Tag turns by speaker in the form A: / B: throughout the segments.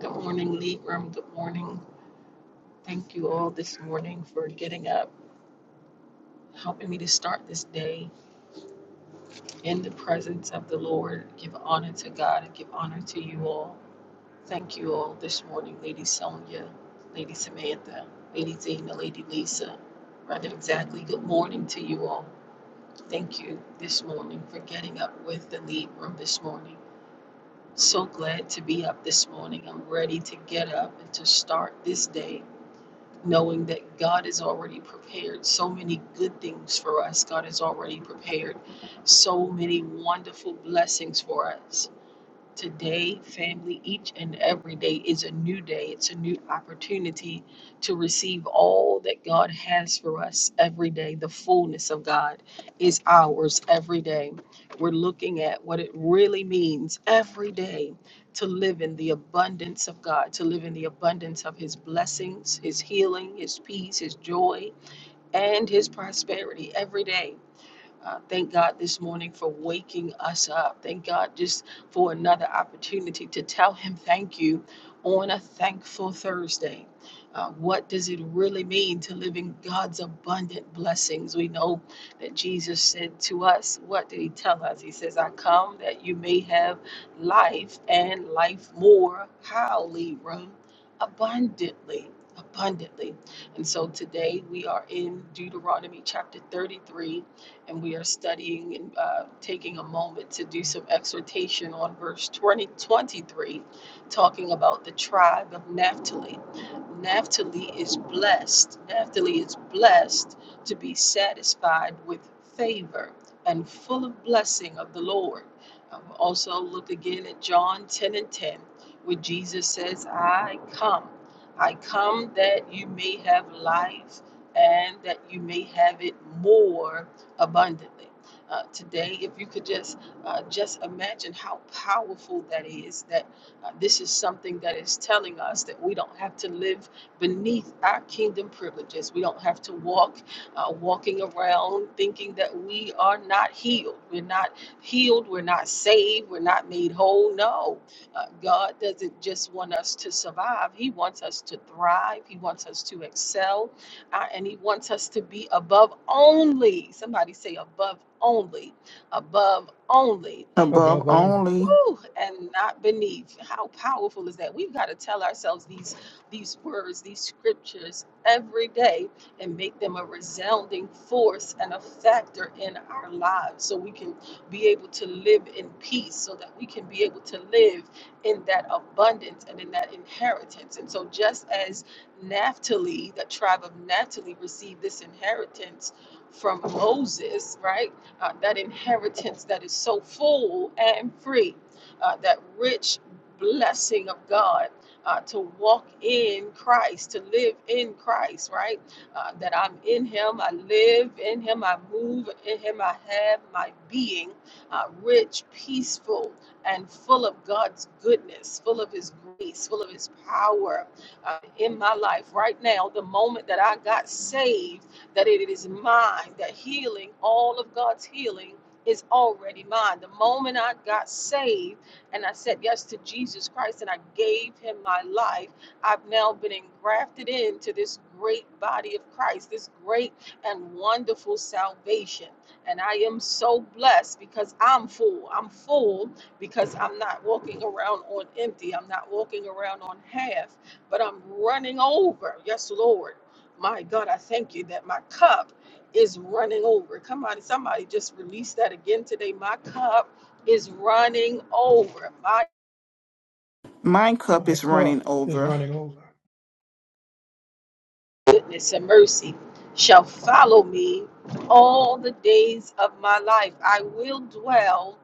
A: Good morning, Lead Room. Good morning. Thank you all this morning for getting up, helping me to start this day in the presence of the Lord. Give honor to God and give honor to you all. Thank you all this morning, Lady Sonia, Lady Samantha, Lady Zena, Lady Lisa. Rather exactly, good morning to you all. Thank you this morning for getting up with the Lead Room this morning. So glad to be up this morning. I'm ready to get up and to start this day knowing that God has already prepared so many good things for us. God has already prepared so many wonderful blessings for us. Today, family, each and every day is a new day. It's a new opportunity to receive all that God has for us every day. The fullness of God is ours every day. We're looking at what it really means every day to live in the abundance of God, to live in the abundance of His blessings, His healing, His peace, His joy, and His prosperity every day. Uh, thank God this morning for waking us up. Thank God just for another opportunity to tell Him thank you on a thankful Thursday. Uh, what does it really mean to live in God's abundant blessings? We know that Jesus said to us, What did He tell us? He says, I come that you may have life and life more. How, Libra? Abundantly. Abundantly. And so today we are in Deuteronomy chapter 33 and we are studying and uh, taking a moment to do some exhortation on verse 20, 23, talking about the tribe of Naphtali. Naphtali is blessed. Naphtali is blessed to be satisfied with favor and full of blessing of the Lord. Um, also, look again at John 10 and 10, where Jesus says, I come. I come that you may have life and that you may have it more abundantly. Uh, today, if you could just uh, just imagine how powerful that is. That uh, this is something that is telling us that we don't have to live beneath our kingdom privileges. We don't have to walk uh, walking around thinking that we are not healed. We're not healed. We're not saved. We're not made whole. No, uh, God doesn't just want us to survive. He wants us to thrive. He wants us to excel. Uh, and he wants us to be above only. Somebody say above only, above only. and.
B: above
C: above only.
B: only.
A: Woo, and not beneath. How powerful is that? We've got to tell ourselves these these words, these scriptures every day and make them a resounding force and a factor in our lives so we can be able to live in peace, so that we can be able to live in that abundance and in that inheritance. And so just as Naphtali, the tribe of Naphtali received this inheritance from Moses, right? uh, that inheritance that is so full and free, uh, that rich blessing of God. Uh, to walk in Christ, to live in Christ, right? Uh, that I'm in Him, I live in Him, I move in Him, I have my being, uh, rich, peaceful, and full of God's goodness, full of His grace, full of His power uh, in my life. Right now, the moment that I got saved that it is mine, that healing, all of God's healing is already mine. The moment I got saved and I said yes to Jesus Christ and I gave him my life, I've now been engrafted into this great body of Christ, this great and wonderful salvation. And I am so blessed because I'm full. I'm full because I'm not walking around on empty. I'm not walking around on half, but I'm running over. Yes, Lord. My God, I thank you that my cup is running over. Come on, somebody just release that again today. My cup is running over. My
B: My cup
C: My
B: is running
C: cup is
B: over.
C: running over.
A: goodness and mercy shall follow me all the days of my life. I will dwell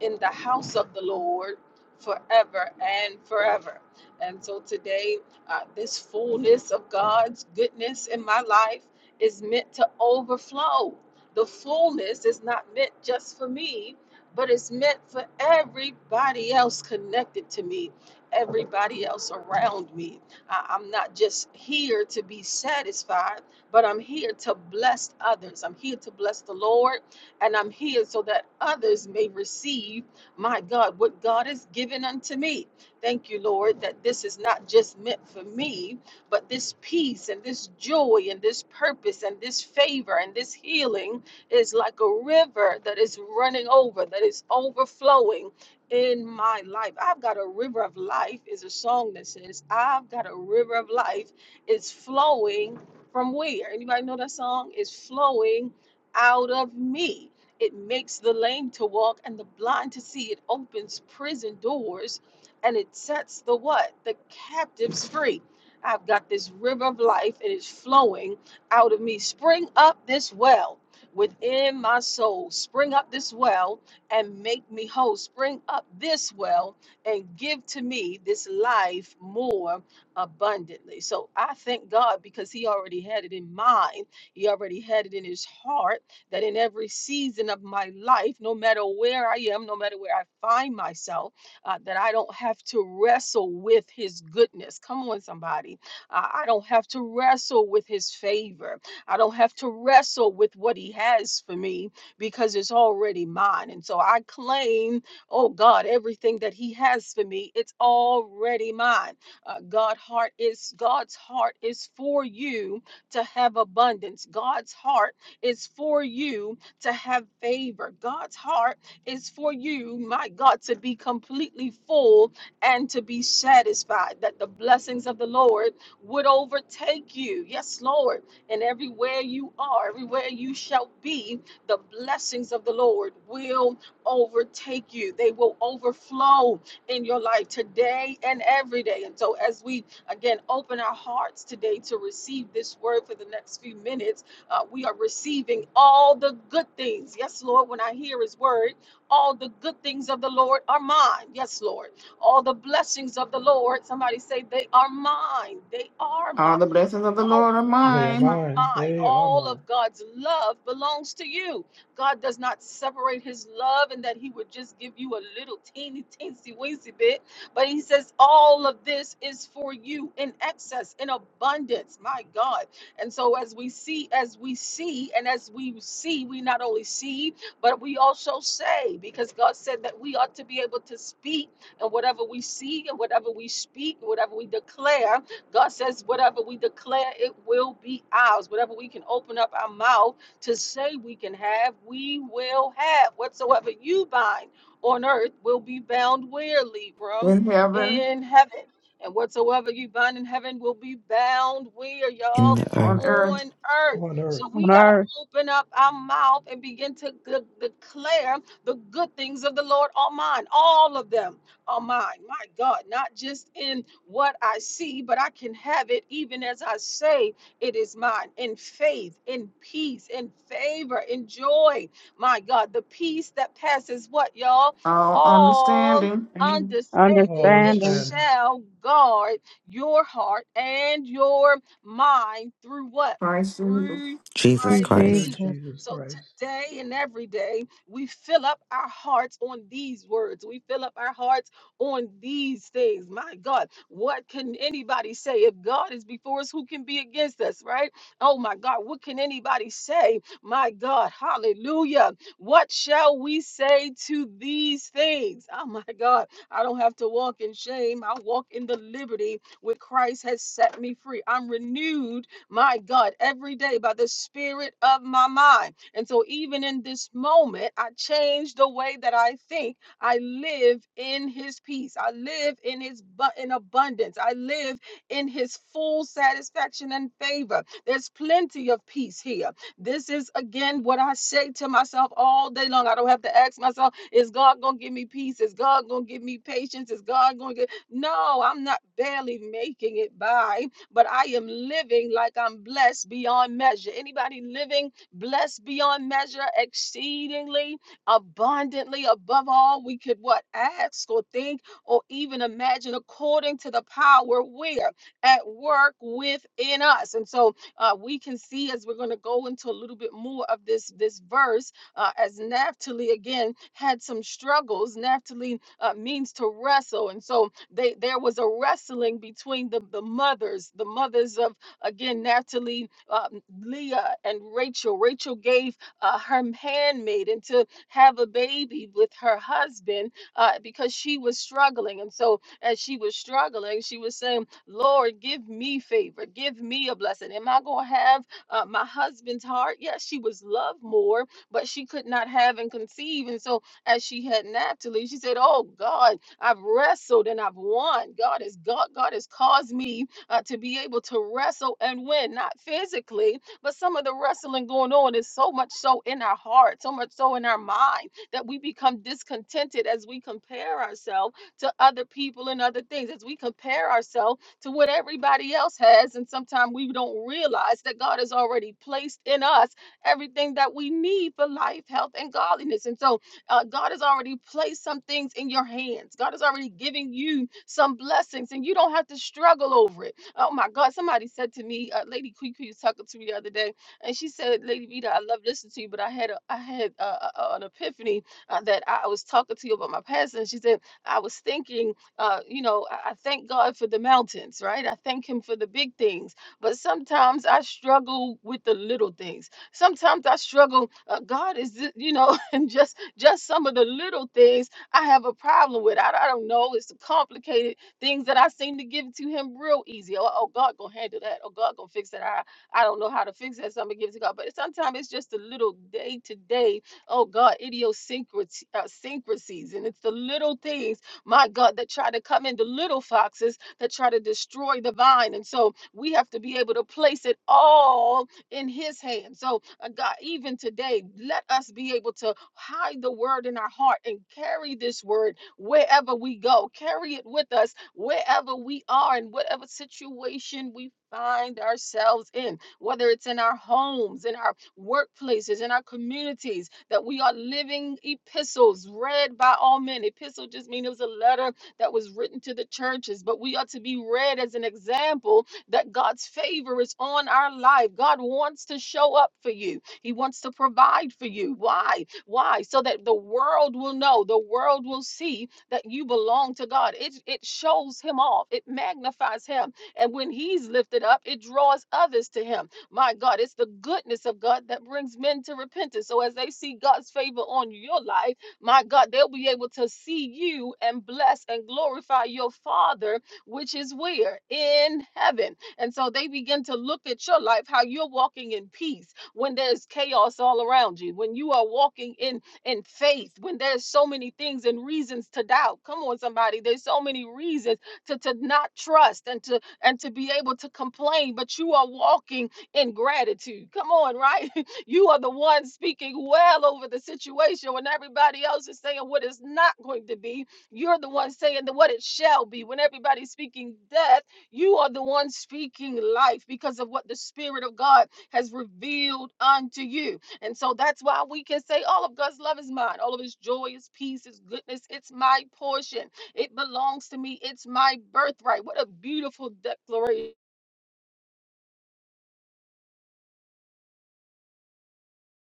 A: in the house of the Lord forever and forever. And so today, uh, this fullness of God's goodness in my life is meant to overflow. The fullness is not meant just for me, but it's meant for everybody else connected to me, everybody else around me. I- I'm not just here to be satisfied, but I'm here to bless others. I'm here to bless the Lord, and I'm here so that others may receive, my God, what God has given unto me. Thank you, Lord, that this is not just meant for me, but this peace and this joy and this purpose and this favor and this healing is like a river that is running over, that is overflowing in my life. I've got a river of life is a song that says, I've got a river of life. It's flowing from where? Anybody know that song? It's flowing out of me. It makes the lame to walk and the blind to see. It opens prison doors and it sets the what? The captives free. I've got this river of life and it's flowing out of me. Spring up this well within my soul. Spring up this well and make me whole. Spring up this well and give to me this life more abundantly. So I thank God because He already had it in mind. He already had it in His heart that in every season of my life, no matter where I am, no matter where I find myself, uh, that I don't have to wrestle with His goodness. Come on, somebody. Uh, I don't have to wrestle with His favor. I don't have to wrestle with what He has for me because it's already mine. And so I claim, oh God, everything that He has for me, it's already mine. Uh, God heart is God's heart is for you to have abundance. God's heart is for you to have favor. God's heart is for you, my God, to be completely full and to be satisfied, that the blessings of the Lord would overtake you. Yes, Lord. And everywhere you are, everywhere you shall be, the blessings of the Lord will overtake you. They will overflow in your life today and every day. And so, as we again open our hearts today to receive this word for the next few minutes, uh, we are receiving all the good things. Yes, Lord, when I hear His word, all the good things of the Lord are mine. Yes, Lord. All the blessings of the Lord, somebody say, they are mine. They are mine.
B: All the blessings of the
A: Oh
B: Lord are
A: my God,
C: They are
A: they
B: mine
A: are
C: mine,
A: mine.
C: they are
A: All
C: mine.
A: of God's love belongs to you. God does not separate his love and that he would just give you a little teeny teensy weensy bit. But he says, all of this is for you in excess, in abundance. My God. And so as we see, as we see, and as we see, we not only see, but we also say, because God said that we ought to be able to speak and whatever we see and whatever we speak, whatever we declare. God says, whatever we declare, it will be ours. Whatever we can open up our mouth to say we can have, we will have. Whatsoever you bind on earth will be bound where, Libram?
B: in heaven,
A: In heaven. And whatsoever you bind in heaven will be bound where,
D: in
A: y'all?
D: the
B: on
D: earth,
B: earth,
A: On earth.
C: On earth,
A: So we
E: on
A: got to
E: earth,
A: open up our mouth and begin to de- declare the good things of the Lord on mine, all of them on mine. My God, not just in what I see, but I can have it even as I say it is mine in faith, in peace, in favor, in joy. My God, the peace that passes what, y'all?
B: all
A: All
B: understanding.
C: all
A: understanding. It
E: understanding.
C: understanding
A: shall guard your heart and your mind through what?
B: Christ Jesus.
A: Through
D: Jesus
E: In
A: Christ
C: through
D: Christ.
A: Jesus.
E: Jesus.
C: Jesus
A: So
C: Christ.
A: today and every day, we fill up our hearts on these words. We fill up our hearts on these things. My God, what can anybody say? If God is before us, who can be against us, right? Oh my God, what can anybody say? My God, hallelujah. What shall we say to these things? Oh my God, I don't have to walk in shame. I walk in the liberty which Christ has set me free. I'm renewed, my God, every day by the spirit of my mind. And so, even in this moment, I change the way that I think I live in his peace. I live in his bu- in abundance. I live in his full satisfaction and favor. There's plenty of peace here. This is again what I say to myself all day long. I don't have to ask myself, is God going to give me peace? Is God going to give me patience? Is God going to give No, I'm not barely making it by, but I am living like I'm blessed beyond measure. Anybody living blessed beyond measure exceedingly? abundantly above all we could what ask or think or even imagine according to the power where at work within us and so uh, we can see as we're going to go into a little bit more of this this verse uh, as naphtali again had some struggles naphtali uh, means to wrestle and so they there was a wrestling between the the mothers the mothers of again naphtali uh, leah and rachel rachel gave uh, her handmaid into have a baby with her husband uh, because she was struggling. And so, as she was struggling, she was saying, Lord, give me favor, give me a blessing. Am I going to have uh, my husband's heart? Yes, she was loved more, but she could not have and conceive. And so, as she had naturally, she said, Oh God, I've wrestled and I've won. God has God, God has caused me uh, to be able to wrestle and win, not physically, but some of the wrestling going on is so much so in our heart, so much so in our mind that we become discontented as we compare ourselves to other people and other things, as we compare ourselves to what everybody else has. And sometimes we don't realize that God has already placed in us everything that we need for life, health, and godliness. And so uh, God has already placed some things in your hands, God has already given you some blessings, and you don't have to struggle over it. Oh my God, somebody said to me, uh, Lady Kiki was talking to me the other day, and she said, Lady Vita, I love listening to you, but I had a, I had uh uh an epiphany uh, that I was talking to you about my past, and she said, I was thinking, uh, you know, I, I thank God for the mountains, right? I thank Him for the big things, but sometimes I struggle with the little things. Sometimes I struggle. Uh, God is, ju- you know, and just just some of the little things I have a problem with. I, I don't know. It's complicated Things that I seem to give to him real easy. Oh, oh God gonna handle that. Oh God gonna fix that. I, I don't know how to fix that, so I'm gonna give it to God. But sometimes it's just the little day to day, oh God, idiosyncrasies, uh, syncrasies. and it's the little things, my God, that try to come in, the little foxes that try to destroy the vine. And so we have to be able to place it all in his hands. So uh, God, even today, let us be able to hide the word in our heart and carry this word wherever we go. Carry it with us wherever we are in whatever situation we find ourselves in, whether it's in our homes, in our workplaces, in our communities, that we are living epistles read by all men. Epistle just means it was a letter that was written to the churches, but we are to be read as an example that God's favor is on our life. God wants to show up for you, He wants to provide for you. Why? Why? So that the world will know, the world will see that you belong to God. It, it shows Him off, it magnifies Him. And when He's lifted up, it draws others to Him. My God, it's the goodness of God that brings men to repentance. So as they see God's favor on your life, my God, they'll be able to see you and bless and glorify your Father, which is where? In heaven. And so they begin to look at your life, how you're walking in peace when there's chaos all around you, when you are walking in in faith, when there's so many things and reasons to doubt. Come on, somebody. There's so many reasons to, to not trust and to and to be able to complain, but you are walking in gratitude. Come on, right? You are the one speaking well over the situation when everybody else is saying what it's not going to be. You're the one saying that what it shall be when everybody's speaking death you are the one speaking life because of what the Spirit of God has revealed unto you. And so that's why we can say, All of God's love is mine. All of His joy, His peace, His goodness. It's my portion. It belongs to me. It's my birthright. What a beautiful declaration.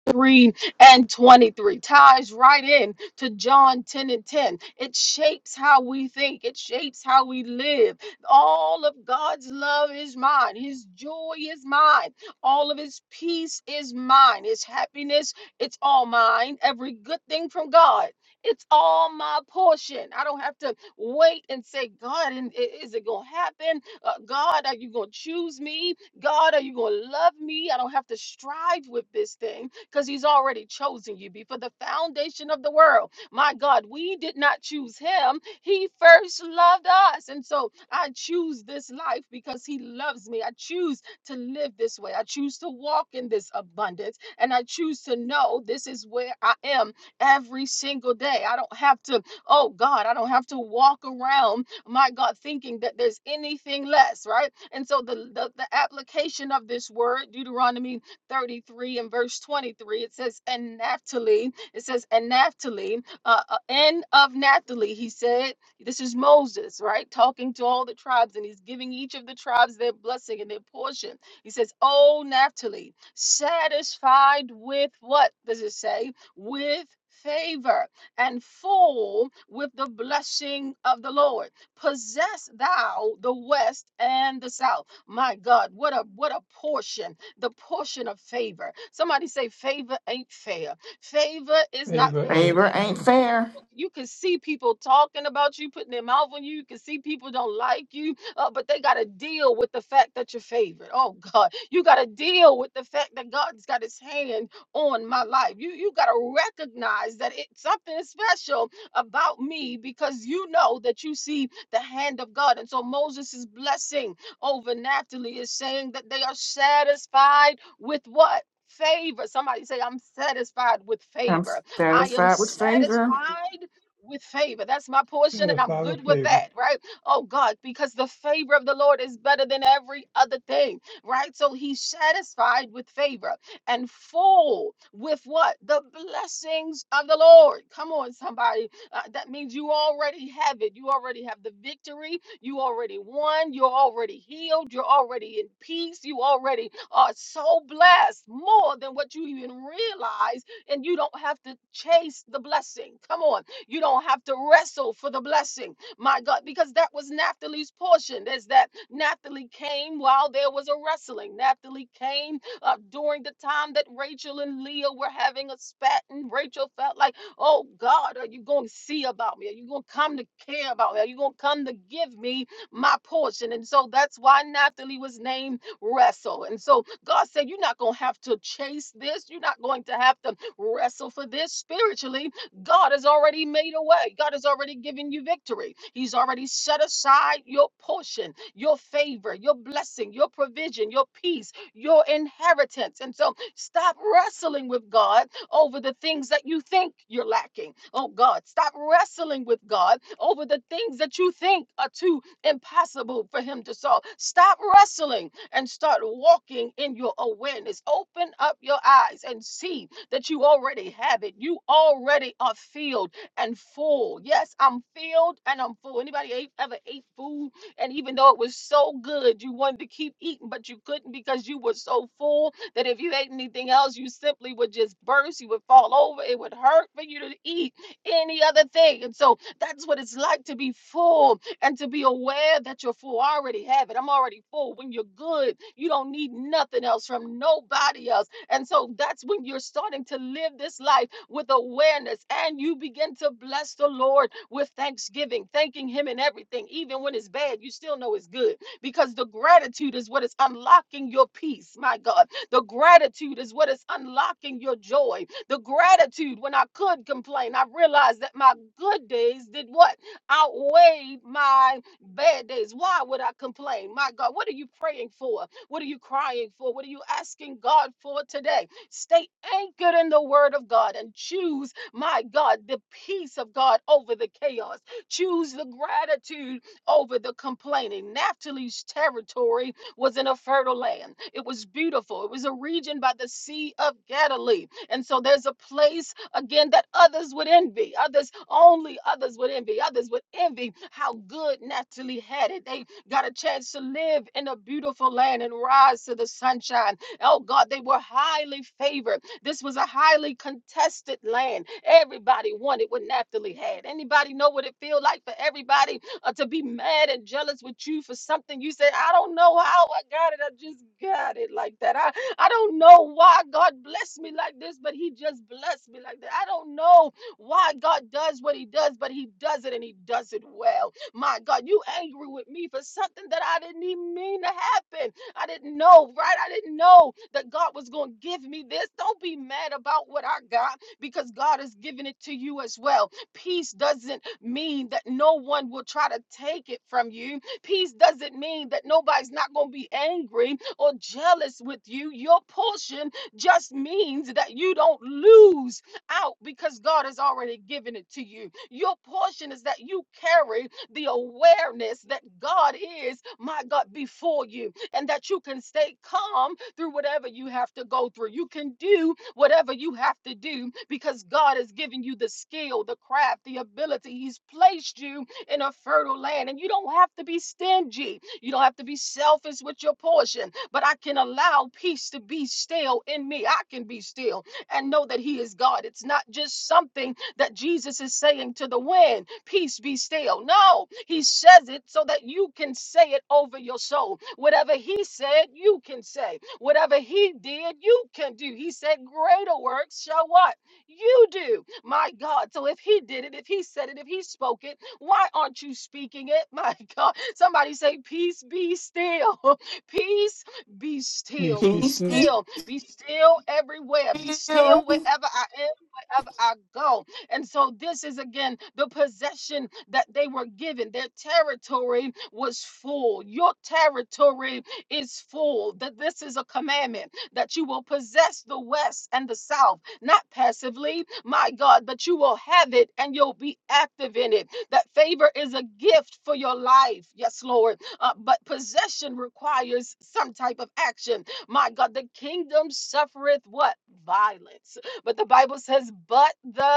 A: 3 and 23 ties right in to John 10 and 10. It shapes how we think, it shapes how we live. All of God's love is mine, His joy is mine, all of His peace is mine, His happiness, it's all mine. Every good thing from God. It's all my portion. I don't have to wait and say, God, and i- is it going to happen? Uh, God, are you going to choose me? God, are you going to love me? I don't have to strive with this thing because he's already chosen you before the foundation of the world. My God, we did not choose him. He first loved us. And so I choose this life because he loves me. I choose to live this way. I choose to walk in this abundance. And I choose to know this is where I am every single day. I don't have to, oh God, I don't have to walk around, my God, thinking that there's anything less, right? And so the, the, the application of this word, Deuteronomy 33 and verse 23, it says, And Naphtali, it says, And Naphtali, uh, uh, and of Naphtali, he said, This is Moses, right? Talking to all the tribes, and he's giving each of the tribes their blessing and their portion. He says, Oh, Naphtali, satisfied with what does it say? With favor and full with the blessing of the Lord possess thou the west and the south. My God, what a what a portion the portion of favor. Somebody say, favor ain't fair. Favor is not
C: Favor
A: fair.
C: ain't
B: Favor
A: You
B: ain't
A: know,
C: there.
B: fair.
A: people- you can see people talking about you, putting their mouth on you. You can see people don't like you, uh, but they got to deal with the fact that you're favored. Oh God, you got to deal with the fact that God's got His hand on my life. You you got to recognize that it's something is special about me because you know that you see the hand of God. And so Moses is blessing Overnaturally is saying that they are satisfied with what? Favor. Somebody say, I'm satisfied with
B: I'm
A: favor. I am
B: satisfied with favor.
A: satisfied with favor. That's my portion, and I'm
C: Satisfy
A: good
C: with
A: with
C: favor.
A: that, right? Oh God, because the favor of the Lord is better than every other thing, right? So he's satisfied with favor and full with what? The blessings of the Lord. Come on, somebody. Uh, that means you already have it. You already have the victory. You already won. You're already healed. You're already in peace. You already are so blessed more than what you even realize. And you don't have to chase the blessing. Come on. You don't have to wrestle for the blessing. My God, because that was Naphtali's portion. There's that Naphtali came while there was a wrestling. Naphtali came uh, during the time that Rachel and Leah were having a spat, and Rachel felt like, oh God, are you going to see about me? Are you going to come to care about me? Are you going to come to give me my portion? And so that's why Naphtali was named Wrestle. And so God said, you're not going to have to chase this. You're not going to have to wrestle for this spiritually. God has already made a way. God has already given you victory. He's already set aside your portion, your favor, your blessing, your provision, your peace your inheritance. And so stop wrestling with God over the things that you think you're lacking. Oh God, stop wrestling with God over the things that you think are too impossible for Him to solve. Stop wrestling and start walking in your awareness. Open up your eyes and see that you already have it. You already are filled and full. Yes, I'm filled and I'm full. Anybody e-, ever ate food? And even though it was so good, you wanted to keep eating, but you couldn't because you were so full that if you ate anything else, you simply would just burst. You would fall over. It would hurt for you to eat any other thing. And so that's what it's like to be full and to be aware that you're full. I already have it. I'm already full. When you're good, you don't need nothing else from nobody else. And so that's when you're starting to live this life with awareness and you begin to bless the Lord with thanksgiving, thanking Him in everything. Even when it's bad, you still know it's good because the gratitude is what is unlocking your peace, my God. The gratitude is what is unlocking your joy. The gratitude, when I could complain, I realized that my good days did what? Outweighed my bad days. Why would I complain? My God, what are you praying for? What are you crying for? What are you asking God for today? Stay anchored in the word of God and choose, my God, the peace of God over the chaos. Choose the gratitude over the complaining. Naphtali's territory was in a fertile land. It was beautiful. It was a region by the Sea of Galilee. And so there's a place again that others would envy. Others, only others would envy. Others would envy how good Naphtali had it. They got a chance to live in a beautiful land and rise to the sunshine. Oh God, they were highly favored. This was a highly contested land. Everybody wanted what Naphtali had. Anybody know what it feel like for everybody uh, to be mad and jealous with you for something you said? I don't know how I got it. I just got it like that. I, I don't know why God blessed me like this, but He just blessed me like that. I don't know why God does what He does, but He does it and He does it well. My God, you angry with me for something that I didn't even mean to happen. I didn't know, right? I didn't know that God was going to give me this. Don't be mad about what I got because God has given it to you as well. Peace doesn't mean that no one will try to take it from you. Peace doesn't mean that nobody's not going to be angry or jealous with you. Your portion just means that you don't lose out because God has already given it to you. Your portion is that you carry the awareness that God is, my God, before you, and that you can stay calm through whatever you have to go through. You can do whatever you have to do because God has given you the skill, the craft, the ability. He's placed you in a fertile land, and you don't have to be stingy. You don't have to be selfish with your portion, but I can allow peace to be still in me. I can be still and know that He is God. It's not just something that Jesus is saying to the wind, Peace be still. No, he says it so that you can say it over your soul. Whatever he said, you can say. Whatever he did, you can do. He said, Greater works shall what? You do. My God. So if he did it, if he said it, if he spoke it, why aren't you speaking it? My God. Somebody say, Peace be still. Peace be
C: Peace
A: still.
C: be
A: Be
B: Peace
C: still.
B: be
A: still. Be still everywhere. Be
B: still.
A: still wherever I am, wherever I go. And so, this is again the possession that they were given. Their territory was full. Your territory is full. That this is a commandment that you will possess the West and the South, not passively, my God, but you will have it and you'll be active in it. That favor is a gift for your life. Yes, Lord. Uh, but possession requires some type of action. My God, the kingdom suffereth what? Violence. But the Bible says, but the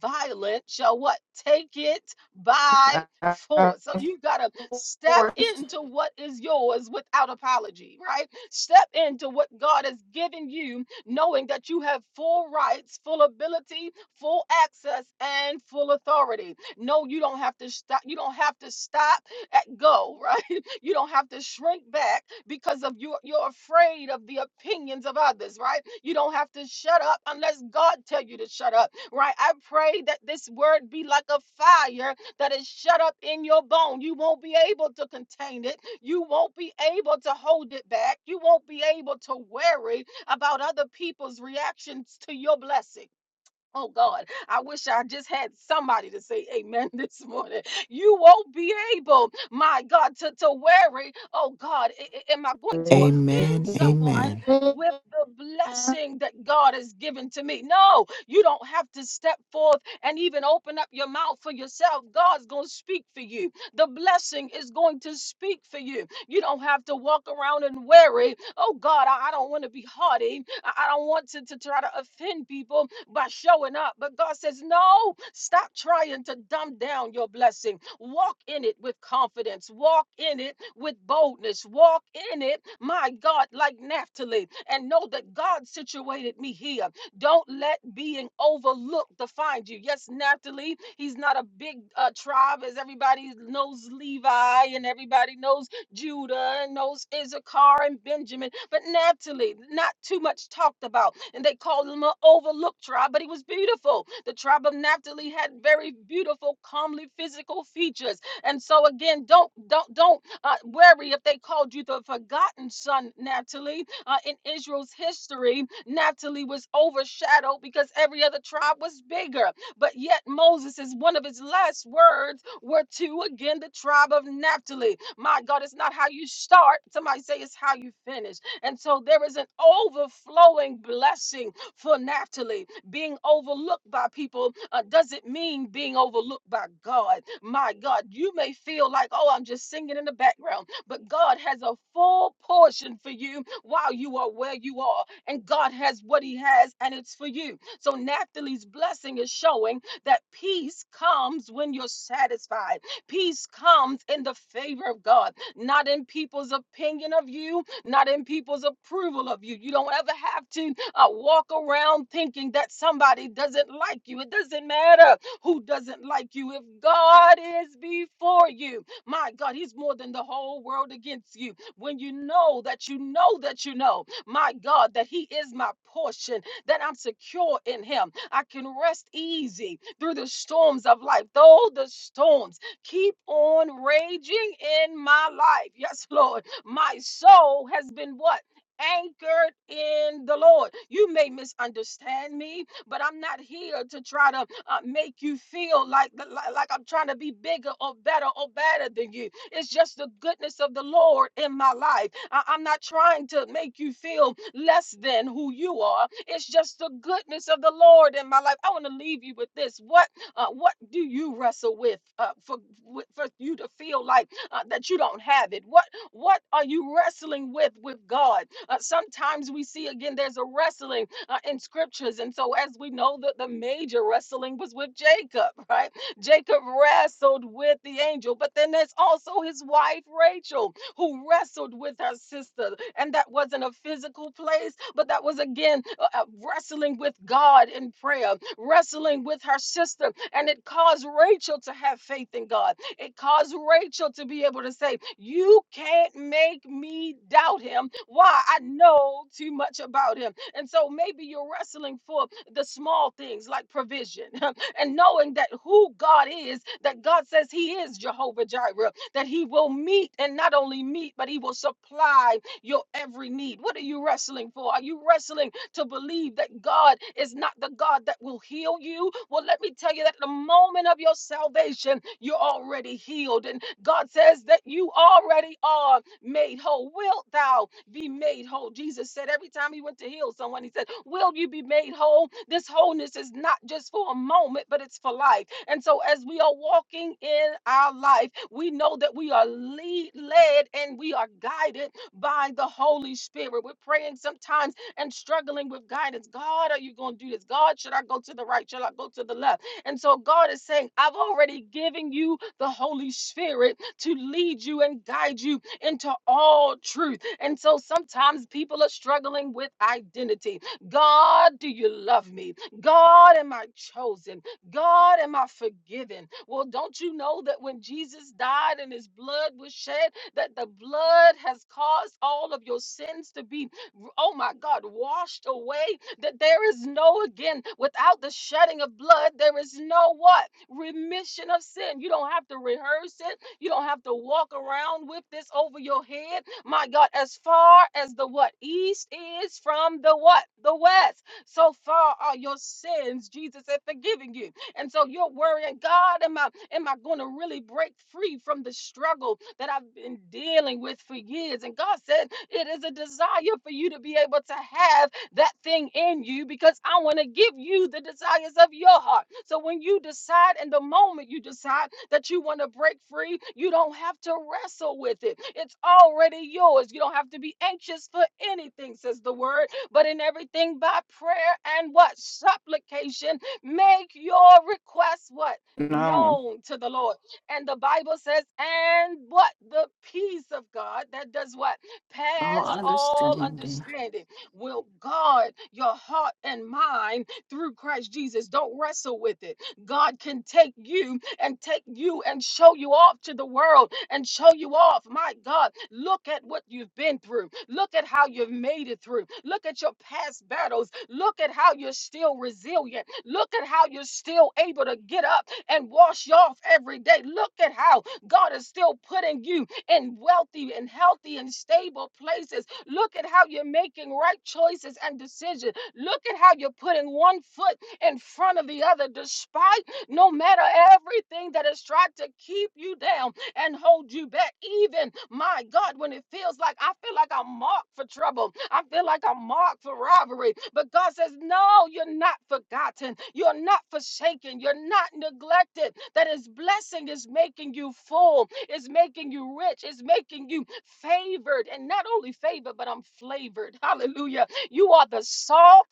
A: violent shall what? Take it by
B: Thy
A: force. So you got to step
B: voice.
A: into what is yours without apology, right? Step into what God has given you, knowing that you have full rights, full ability, full access, and full authority. No, you don't have to stop. You don't have to stop at go, right? You don't have to shrink back because of you you're afraid of the opinions of others, right? You don't have to shut up unless God tell you to shut up right? I pray that this word be like a fire that is shut up in your bone. You won't be able to contain it. You won't be able to hold it back. You won't be able to worry about other people's reactions to your blessing. Oh God, I wish I just had somebody to say amen this morning. You won't be able, my God, to, to worry. Oh God, a- a- am I going to offend
D: Amen.
A: someone
D: Amen.
A: with the blessing that God has given to me? No, you don't have to step forth and even open up your mouth for yourself. God's going to speak for you. The blessing is going to speak for you. You don't have to walk around and worry. Oh God, I I don't want to be haughty. I I don't want to, to try to offend people by showing up. But God says, no, stop trying to dumb down your blessing. Walk in it with confidence. Walk in it with boldness. Walk in it, my God, like Naphtali. And know that God situated me here. Don't let being overlooked define you. Yes, Naphtali, he's not a big uh, tribe as everybody knows Levi and everybody knows Judah and those Issachar and Benjamin, but Naphtali, not too much talked about. And they called him an overlooked tribe, but he was beautiful. The tribe of Naphtali had very beautiful, comely physical features. And so again, don't don't don't uh, worry if they called you the forgotten son, Naphtali. Uh, in Israel's history, Naphtali was overshadowed because every other tribe was bigger. But yet Moses is one of his last words were to again the tribe of Naphtali. My God, it's not how you start. Somebody say it's how you finish. And so there is an overflowing blessing for Naphtali. Being overlooked by people uh, doesn't mean being overlooked by God. My God, you may feel like, oh, I'm just singing in the background, but God has a full portion for you while you are where you are. And God has what He has, and it's for you. So Naphtali's blessing is showing that peace comes when you're satisfied. Peace comes in the favor of God, not in people's opinion of you, not in people's approval of you. You don't ever have to uh, walk around thinking that somebody doesn't like you. It doesn't matter who doesn't like you. If God is before you, my God, He's more than the whole world against you. When you know that you know that you know, my God, that He is my portion, that I'm secure in Him, I can rest easy through the storms of life. Though the storms, Keep on raging in my life. Yes, Lord. My soul has been what? Anchored in the Lord. You may misunderstand me, but I'm not here to try to uh, make you feel like, like like I'm trying to be bigger or better or better than you. It's just the goodness of the Lord in my life. I- I'm not trying to make you feel less than who you are. It's just the goodness of the Lord in my life. I want to leave you with this. What uh, what do you wrestle with uh, for with- for you to feel like uh, that you don't have it? What what are you wrestling with with God? Uh, sometimes we see again there's a wrestling uh, in scriptures, and so as we know that the major wrestling was with Jacob, right? Jacob wrestled with the angel, but then there's also his wife Rachel who wrestled with her sister. And that wasn't a physical place, but that was again uh, uh, wrestling with God in prayer, wrestling with her sister. And it caused Rachel to have faith in God. It caused Rachel to be able to say, You can't make me doubt him. Why? I know too much about him. And so maybe you're wrestling for the small things like provision. and knowing that who God is, that God says He is Jehovah Jireh, that He will meet and not only meet, but He will supply your every need. What are you wrestling for? Are you wrestling to believe that God is not the God that will heal you? Well, let me tell you that the moment of your salvation, you're already healed. And God says that you already are made whole? Wilt thou be made whole? Jesus said every time he went to heal someone, he said, Will you be made whole? This wholeness is not just for a moment, but it's for life. And so, as we are walking in our life, we know that we are lead, led and we are guided by the Holy Spirit. We're praying sometimes and struggling with guidance. God, are you going to do this? God, should I go to the right? Should I go to the left? And so God is saying, I've already given you the Holy Spirit to lead you and guide you into all truth. And so sometimes people are struggling with identity. God, do you love me? God, am I chosen? God, am I forgiven? Well, don't you know that when Jesus died and his blood was shed, that the blood has caused all of your sins to be, oh my God, washed away? That there is no, again, without the shedding of blood, there is no what? Remission of sin. You don't have to rehearse it. You don't have to walk around with this over your head. My God, as far as the what east is from the what the west, so far are your sins. Jesus is forgiving you, and so you're worrying, God, am I am I going to really break free from the struggle that I've been dealing with for years? And God said, it is a desire for you to be able to have that thing in you because I want to give you the desires of your heart. So when you decide in the moment you decide that you want to break free, you don't have to wrestle with it. It's already yours. You don't have to be anxious for anything, says the word, but in everything by prayer and what? Supplication. Make your requests what?
B: No.
A: Known to the Lord. And the Bible says, and what? The peace of God that does what?
B: No
A: Pass all
B: understanding.
A: understanding will guard your heart and mind through Christ Jesus. Don't wrestle with it. God can take you and take you and show you off to the world and show you off. My God, look at what you've been through. Look at how you've made it through. Look at your past battles. Look at how you're still resilient. Look at how you're still able to get up and wash off every day. Look at how God is still putting you in wealthy and healthy and stable places Look at how you're making right choices and decisions. Look at how you're putting one foot in front of the other, despite no matter everything that has tried to keep you down and hold you back. Even my God, when it feels like I feel like I'm marked for trouble, I feel like I'm marked for robbery. But God says, No, you're not forgotten, you're not forsaken, you're not neglected. That His blessing is making you full, is making you rich, is making you favored, and not only favored, but I'm flavored. Hallelujah. You are the salt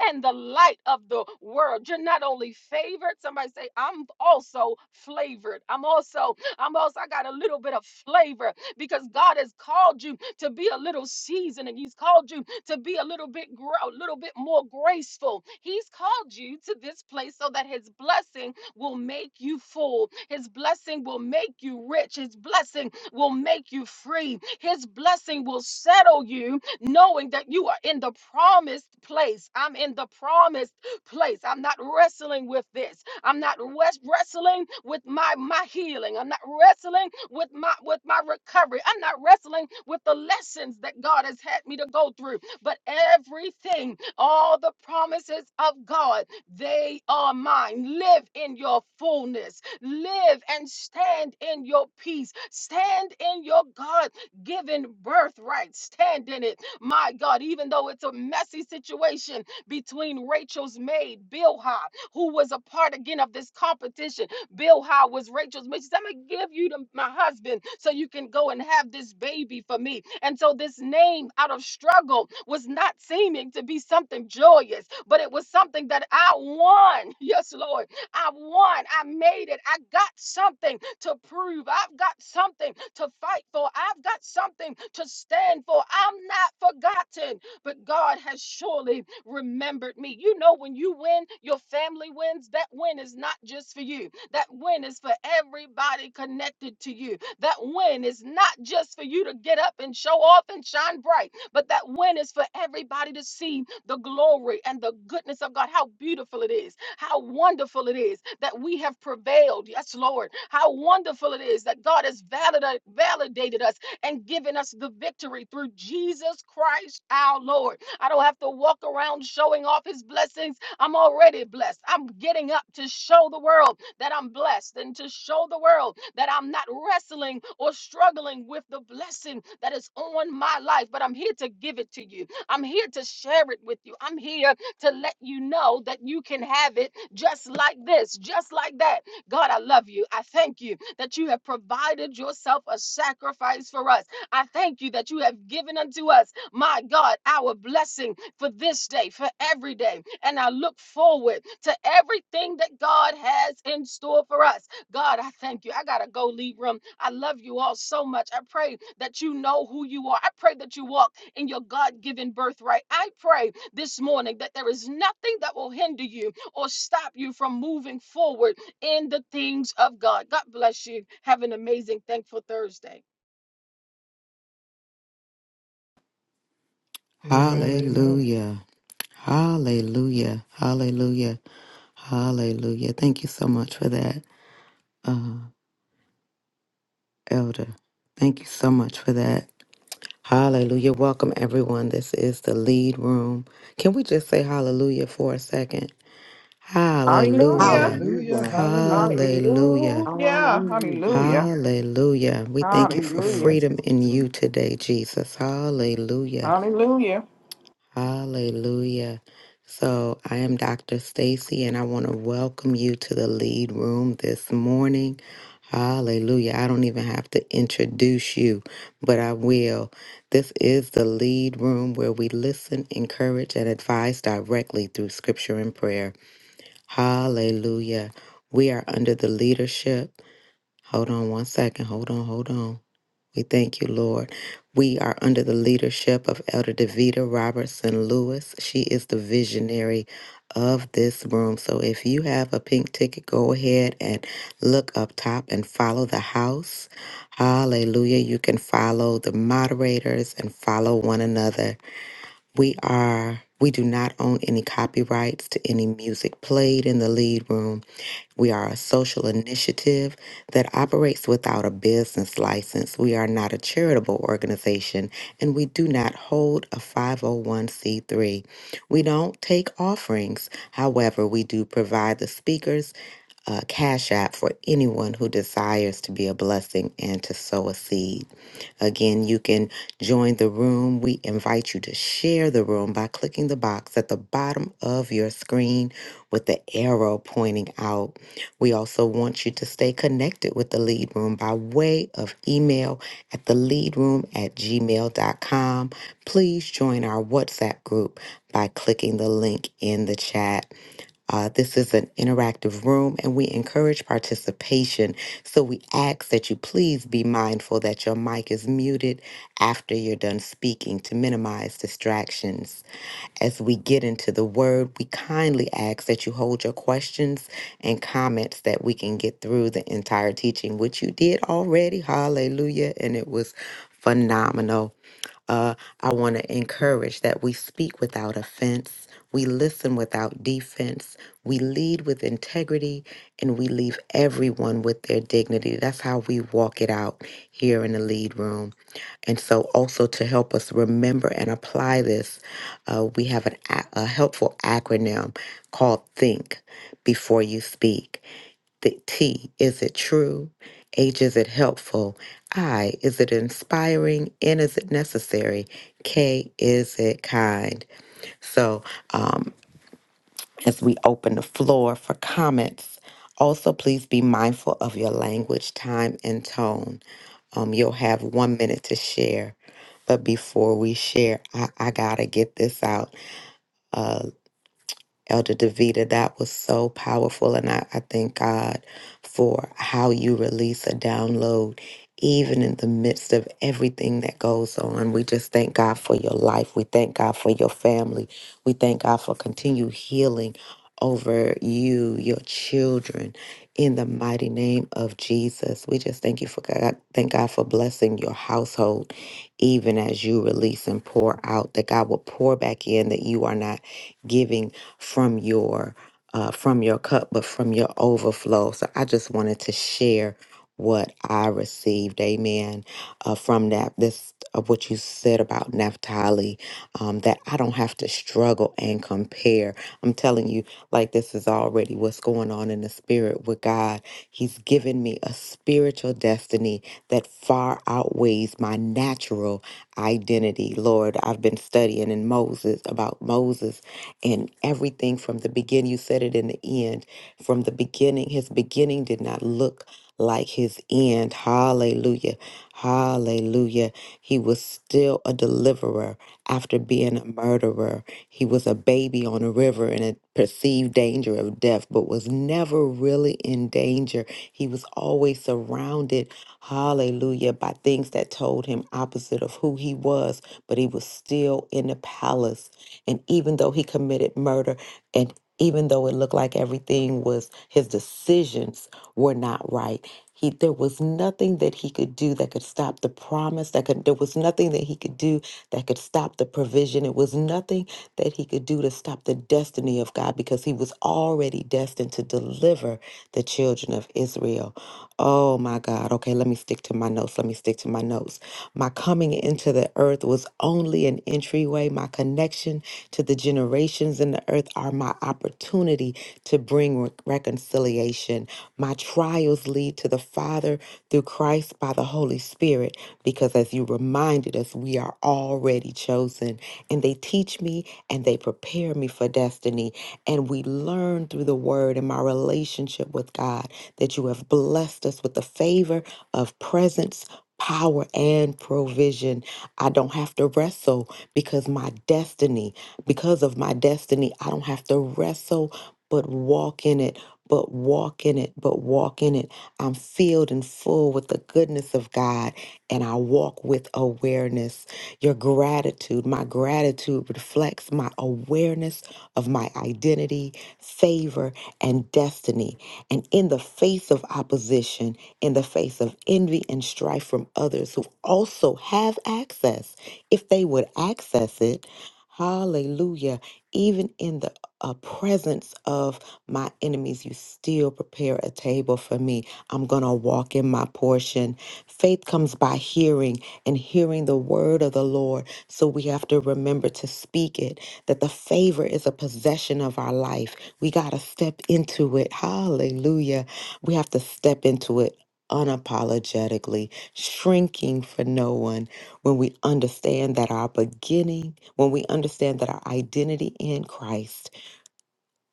A: and the light of the world. You're not only favored, somebody say, I'm also flavored. I'm also Almost, I got a little bit of flavor because God has called you to be a little seasoned and He's called you to be a little bit grow, a little bit more graceful. He's called you to this place so that His blessing will make you full. His blessing will make you rich. His blessing will make you free. His blessing will settle you, knowing that you are in the promised place. I'm in the promised place. I'm not wrestling with this. I'm not wes- wrestling with my my healing. I'm not wrestling with my with my recovery. I'm not wrestling with the lessons that God has had me to go through. But everything, all the promises of God, they are mine. Live in your fullness. Live and stand in your peace. Stand in your God given birthright. Stand in it. My God, even though it's a messy situation between Rachel's maid, Bilhah who was a part again of this competition. Bilhah was Rachel's mistress. I'm gonna give you to my husband so you can go and have this baby for me. And so this name out of struggle was not seeming to be something joyous, but it was something that I won. Yes, Lord, I won. I made it. I got something to prove. I've got something to fight for. I've got something to stand for. I'm not forgotten, but God has surely remembered me. You know, when you win, your family wins. That win is not just for you, that win is for everybody connected to you. That win is not just for you to get up and show off and shine bright, but that win is for everybody to see the glory and the goodness of God. How beautiful it is, how wonderful it is that we have prevailed. Yes, Lord. How wonderful it is that God has valida- validated us and given us the victory through Jesus Christ our Lord. I don't have to walk around showing off his blessings. I'm already blessed. I'm getting up to show the world that I'm blessed and to show the world that I'm not wrestling or struggling with the blessing that is on my life, but I'm here to give it to you. I'm here to share it with you. I'm here to let you know that you can have it just like this, just like that. God, I love you. I thank you that you have provided yourself a sacrifice for us. I thank you that you have given unto us my God, our blessing for this day, for every day. And I look forward to everything that God has in store for us. God, I thank you. I got to go leave room. I love you all so much. I pray that you know who you are. I pray that you walk in your God given birthright. I pray this morning that there is nothing that will hinder you or stop you from moving forward in the things of God. God bless you. Have an amazing, thankful Thursday.
C: Amen, amen.
D: Hallelujah. Hallelujah. Hallelujah. Hallelujah. Thank you so much for that, uh, Elder. Thank you so much for that. Hallelujah. Welcome, everyone. This is the lead room. Can we just say hallelujah for a second?
B: Hallelujah.
D: Hallelujah.
C: Hallelujah,
F: Hallelujah.
C: hallelujah.
D: Hallelujah.
B: Hallelujah.
F: Hallelujah.
B: Hallelujah.
D: Hallelujah. We
F: Thank
D: thank
F: you,
D: you for
B: Hallelujah.
F: Lord.
D: freedom in you today, Jesus.
G: Mm,
D: Hallelujah.
G: Yeah.
B: Hallelujah.
D: Hallelujah. So, I am Dr. Stacy and I want to welcome you to the lead room this morning. Hallelujah. I don't even have to introduce you, but I will. This is the lead room where we listen, encourage, and advise directly through scripture and prayer. Hallelujah. We are under the leadership. Hold on one second. Hold on. Hold on. We thank you, Lord. We are under the leadership of Elder Davita Robertson Lewis. She is the visionary of this room. So if you have a pink ticket, go ahead and look up top and follow the house. Hallelujah. You can follow the moderators and follow one another. We are we do not own any copyrights to any music played in the lead room. We are a social initiative that operates without a business license. We are not a charitable organization and we do not hold a 501c3. We don't take offerings. However, we do provide the speakers a cash app for anyone who desires to be a blessing and to sow a seed. Again, you can join the room. We invite you to share the room by clicking the box at the bottom of your screen with the arrow pointing out. We also want you to stay connected with the lead room by way of email at theleadroom at gmail.com. Please join our WhatsApp group by clicking the link in the chat. Uh, this is an interactive room and we encourage participation. So we ask that you please be mindful that your mic is muted after you're done speaking to minimize distractions. As we get into the word, we kindly ask that you hold your questions and comments that we can get through the entire teaching, which you did already. Hallelujah. And it was phenomenal. Uh, I want to encourage that we speak without offense, we listen without defense, we lead with integrity, and we leave everyone with their dignity. That's how we walk it out here in the lead room. And so, also to help us remember and apply this, uh, we have an, a a helpful acronym called THINK before you speak. The T, is it true? H, is it helpful? I, is it inspiring? N, is it necessary? K, is it kind? So, um, as we open the floor for comments, also please be mindful of your language, time, and tone. Um, you'll have one minute to share. But before we share, I, I gotta get this out. Uh, Elder Davita, that was so powerful. And I, I thank God for how you release a download, even in the midst of everything that goes on. We just thank God for your life. We thank God for your family. We thank God for continued healing over you, your children, in the mighty name of Jesus. We just thank you for God. Thank God for blessing your household, even as you release and pour out, that God will pour back in, that you are not giving from your uh, from your cup, but from your overflow. So I just wanted to share what I received, Amen, uh, from that. This of what you said about Naphtali, um, that I don't have to struggle and compare. I'm telling you, like this is already what's going on in the spirit with God. He's given me a spiritual destiny that far outweighs my natural identity. Lord, I've been studying in Moses about Moses and everything from the beginning. You said it in the end. From the beginning, his beginning did not look like his end. Hallelujah. Hallelujah. He was still a deliverer after being a murderer. He was a baby on a river in a perceived danger of death, but was never really in danger. He was always surrounded, hallelujah, by things that told him opposite of who he was, but he was still in the palace and even though he committed murder, and even though it looked like everything was his decisions were not right, he there was nothing that he could do that could stop the promise. That could there was nothing that he could do that could stop the provision. It was nothing that he could do to stop the destiny of God because he was already destined to deliver the children of Israel. Oh my God. Okay, let me stick to my notes. Let me stick to my notes. My coming into the earth was only an entryway. My connection to the generations in the earth are my opportunity to bring re- reconciliation. My trials lead to the Father through Christ by the Holy Spirit, because as you reminded us, we are already chosen. And they teach me and they prepare me for destiny. And we learn through the word and my relationship with God that you have blessed us with the favor of presence power and provision. I don't have to wrestle because my destiny, because of my destiny, I don't have to wrestle, but walk in it, but walk in it, but walk in it. I'm filled and full with the goodness of God, and I walk with awareness. Your gratitude, my gratitude reflects my awareness of my identity, favor, and destiny. And in the face of opposition, in the face of envy and strife from others who also have access, if they would access it. Hallelujah. Even in the uh, presence of my enemies, you still prepare a table for me. I'm going to walk in my portion. Faith comes by hearing and hearing the word of the Lord. So we have to remember to speak it, that the favor is a possession of our life. We got to step into it. Hallelujah. We have to step into it unapologetically, shrinking for no one, when we understand that our beginning, when we understand that our identity in Christ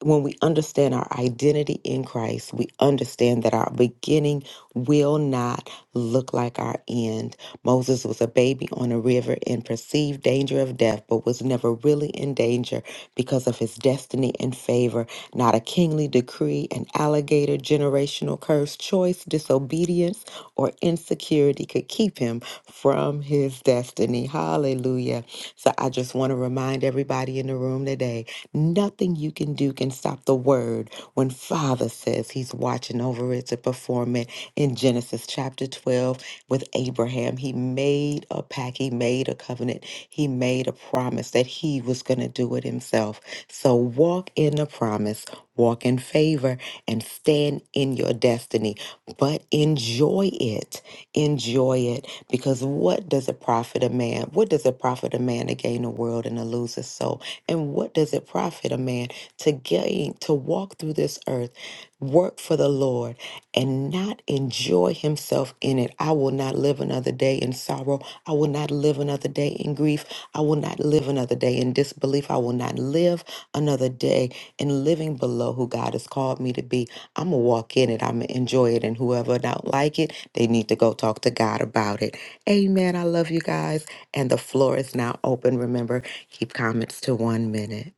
D: when we understand our identity in Christ, we understand that our beginning will not look like our end. Moses was a baby on a river in perceived danger of death, but was never really in danger because of his destiny and favor, not a kingly decree, an alligator, generational curse, choice, disobedience, or insecurity could keep him from his destiny. Hallelujah. So I just want to remind everybody in the room today Nothing you can do can stop the word when Father says he's watching over it to perform it. In Genesis chapter 12, with Abraham, he made a pact, he made a covenant, he made a promise that he was going to do it himself. So walk in the promise, walk in favor, and stand in your destiny. But enjoy it. Enjoy it. Because what does it profit a man? What does it profit? profit a man to gain the world and to lose his soul? And what does it profit a man to gain, to walk through this earth, work for the Lord, and not enjoy himself in it? I will not live another day in sorrow. I will not live another day in grief. I will not live another day in disbelief. I will not live another day in living below who God has called me to be. I'm going to walk in it. I'm going to enjoy it. And whoever don't like it, they need to go talk to God about it. Amen. I love you guys. And the floor is now open. Remember, keep comments to one minute.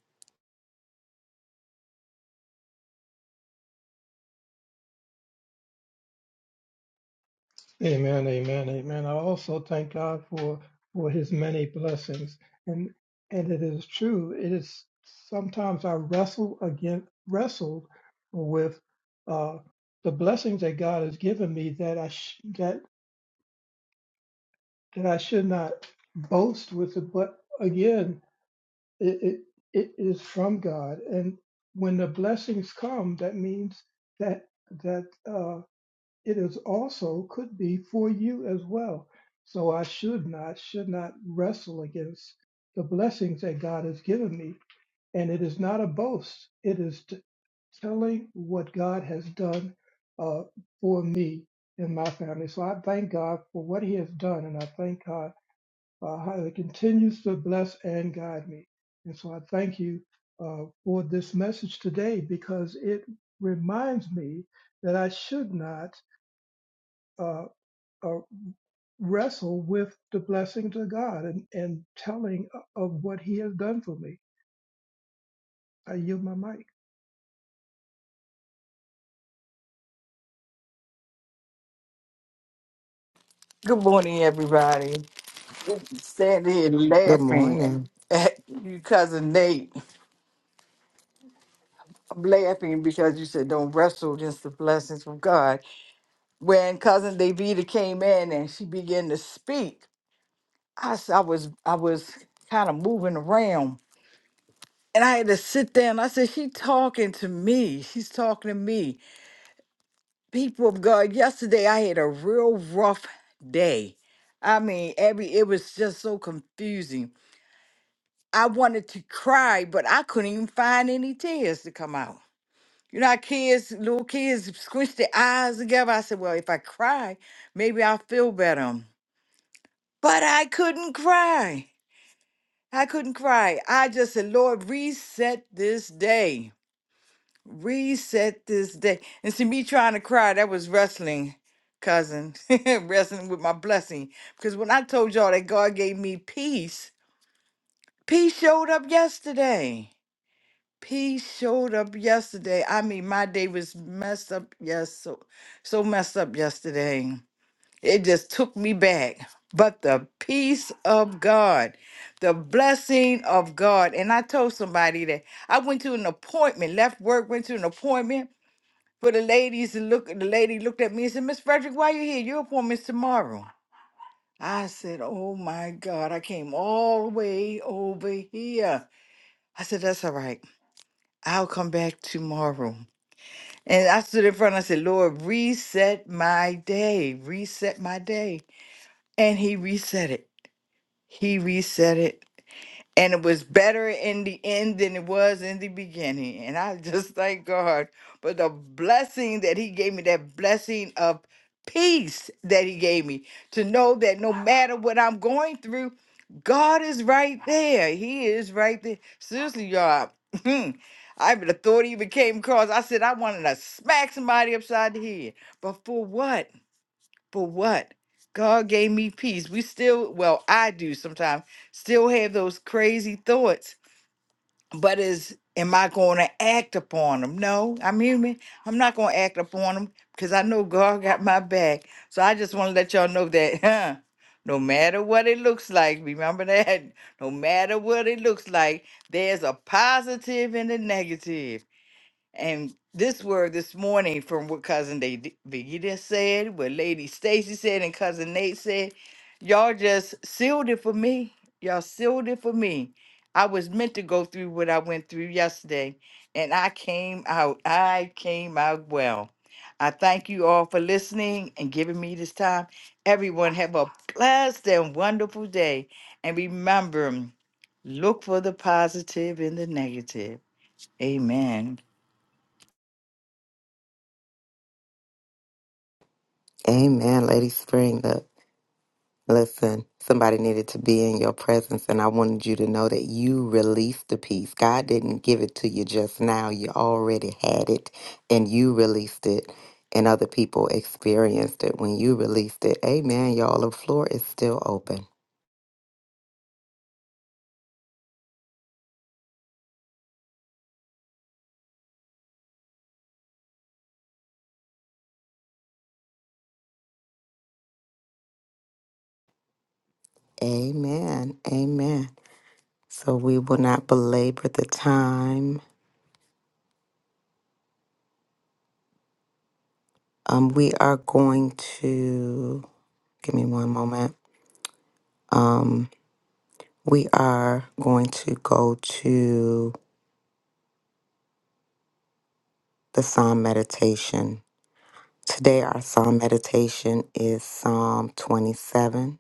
C: Amen, amen, amen. I also thank God for for His many blessings, and and it is true. It is sometimes I wrestle again, wrestled with uh, the blessings that God has given me that I sh- that that I should not boast with it. But again, it, it it is from God, and when the blessings come, that means that that. uh, it is also could be for you as well. So I should not, should not wrestle against the blessings that God has given me. And it is not a boast. It is t- telling what God has done uh, for me and my family. So I thank God for what He has done, and I thank God uh, how He continues to bless and guide me. And so I thank you uh, for this message today because it reminds me that I should not. Uh, uh, wrestle with the blessings of God and, and telling of what He has done for me. I yield my mic.
F: Good morning, everybody. Sandy and
D: Good
F: laughing
D: morning.
F: at you, cousin Nate. I'm laughing because you said don't wrestle against the blessings from God. When cousin Davida came in and she began to speak, I, s- I was I was kind of moving around. And I had to sit down. I said, She talking to me. She's talking to me. people of God, yesterday I had a real rough day. I mean, every it was just so confusing. I wanted to cry, but I couldn't even find any tears to come out. You know, how kids, little kids, squish their eyes together. I said, "Well, if I cry, maybe I'll feel better." But I couldn't cry. I couldn't cry. I just said, "Lord, reset this day." Reset this day. And see, me trying to cry, that was wrestling, cousin. wrestling with my blessing. Because when I told y'all that God gave me peace, peace showed up yesterday. Peace showed up yesterday. I mean, my day was messed up. Yes, so, so messed up yesterday. It just took me back. But the peace of God, the blessing of God. And I told somebody that I went to an appointment, left work, went to an appointment for the ladies to look the lady looked at me and said, Miss Frederick, why you here? Your appointment's tomorrow. I said, Oh my God, I came all the way over here. I said, That's all right. I'll come back tomorrow. And I stood in front, I said, Lord, reset my day. Reset my day. And he reset it. He reset it. and it was better in the end than it was in the beginning. And I just thank God for the blessing that He gave me, that blessing of peace that He gave me to know that no matter what I'm going through, God is right there. He is right there. Seriously, y'all. I would have thought he even came across. I said, I wanted to smack somebody upside the head. But for what? But what? God gave me peace. We still, well, I do sometimes, still have those crazy thoughts. But is am I going to act upon them? No, I'm human. I'm not going to act upon them because I know God got my back. So I just want to let y'all know that, huh? No matter what it looks like, remember that. No matter what it looks like, there's a positive and a negative. And this word this morning from what cousin Davida said, what Lady Stacy said, and cousin Nate said, y'all just sealed it for me. Y'all sealed it for me. I was meant to go through what I went through yesterday, and I came out. I came out well. I thank you all for listening and giving me this time. Everyone have a blessed and wonderful day. And remember, look for the positive in the negative. Amen.
D: Amen, Lady Spring. Look, listen, somebody needed to be in your presence, and I wanted you to know that you released the peace. God didn't give it to you just now, you already had it, and you released it, and other people experienced it when you released it. Amen, y'all. The floor is still open. Amen. Amen. So we will not belabor the time. Um, we are going to, give me one moment. Um, we are going to go to the Psalm meditation. Today, our Psalm meditation is Psalm 27.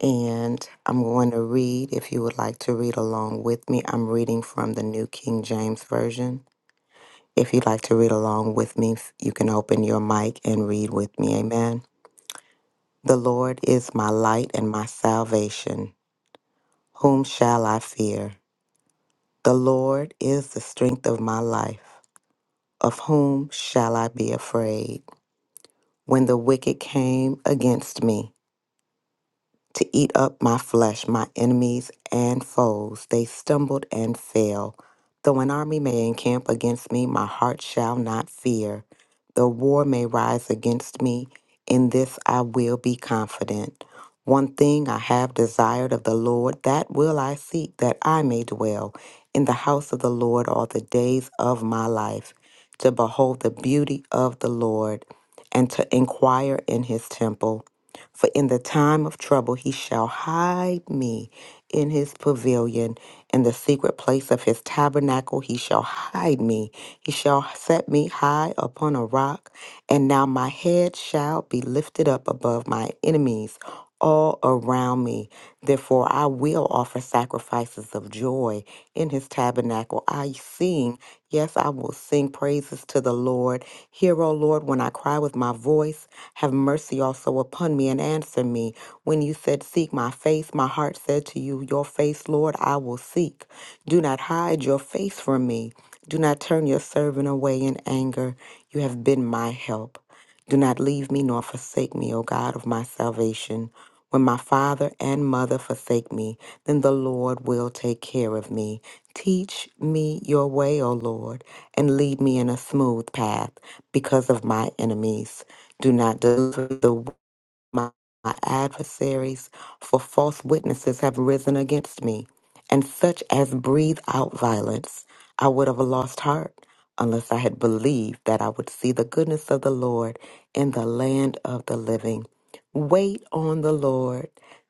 D: And I'm going to read, if you would like to read along with me, I'm reading from the New King James Version. If you'd like to read along with me, you can open your mic and read with me. Amen. The Lord is my light and my salvation. Whom shall I fear? The Lord is the strength of my life. Of whom shall I be afraid? When the wicked came against me, to eat up my flesh, my enemies and foes. They stumbled and fell. Though an army may encamp against me, my heart shall not fear. Though war may rise against me, in this I will be confident. One thing I have desired of the Lord, that will I seek, that I may dwell in the house of the Lord all the days of my life, to behold the beauty of the Lord and to inquire in his temple. For in the time of trouble he shall hide me in his pavilion. In the secret place of his tabernacle he shall hide me. He shall set me high upon a rock. And now my head shall be lifted up above my enemies all around me. Therefore, I will offer sacrifices of joy in his tabernacle. I sing, yes, I will sing praises to the Lord. Hear, O Lord, when I cry with my voice. Have mercy also upon me and answer me. When you said, Seek my face, my heart said to you, Your face, Lord, I will seek. Do not hide your face from me. Do not turn your servant away in anger. You have been my help. Do not leave me nor forsake me, O God of my salvation. When my father and mother forsake me, then the Lord will take care of me. Teach me your way, O Lord, and lead me in a smooth path because of my enemies. Do not deliver the my my adversaries, for false witnesses have risen against me, and such as breathe out violence. I would have lost heart unless I had believed that I would see the goodness of the Lord in the land of the living. Wait on the Lord.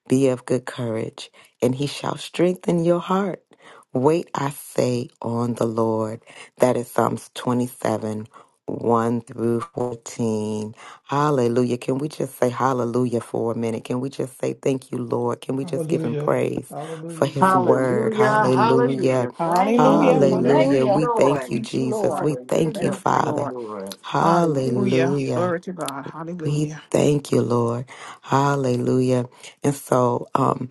D: Be of good courage, and he shall strengthen your heart. Wait, I say, on the Lord. That is Psalms 27, 1 through 14. Hallelujah. Can we just say hallelujah for a minute? Can we just say thank you, Lord? Can we just give him
C: Hallelujah.
D: praise for
C: Hallelujah,
D: his
C: Jesus.
D: word?
F: Hallelujah.
H: Hallelujah.
C: Thank you,
H: Thank you,
C: God.
H: God.
D: Hallelujah.
F: Hallelujah. Thank
H: Thank you,
B: Hallelujah.
H: Jesus.
F: you.
E: Hallelujah.
F: Thank
D: Hallelujah.
F: you,
D: We
B: Hallelujah.
D: thank
F: Lord.
D: you,
B: Thank you,
D: Jesus.
B: Lord.
D: We thank you,
F: Hallelujah.
B: Thank you,
F: Thank you,
D: Father.
B: Lord.
F: Lord.
B: Hallelujah.
D: Hallelujah.
B: Glory to God.
D: We
B: Hallelujah.
D: thank you, Lord. Hallelujah. And so um,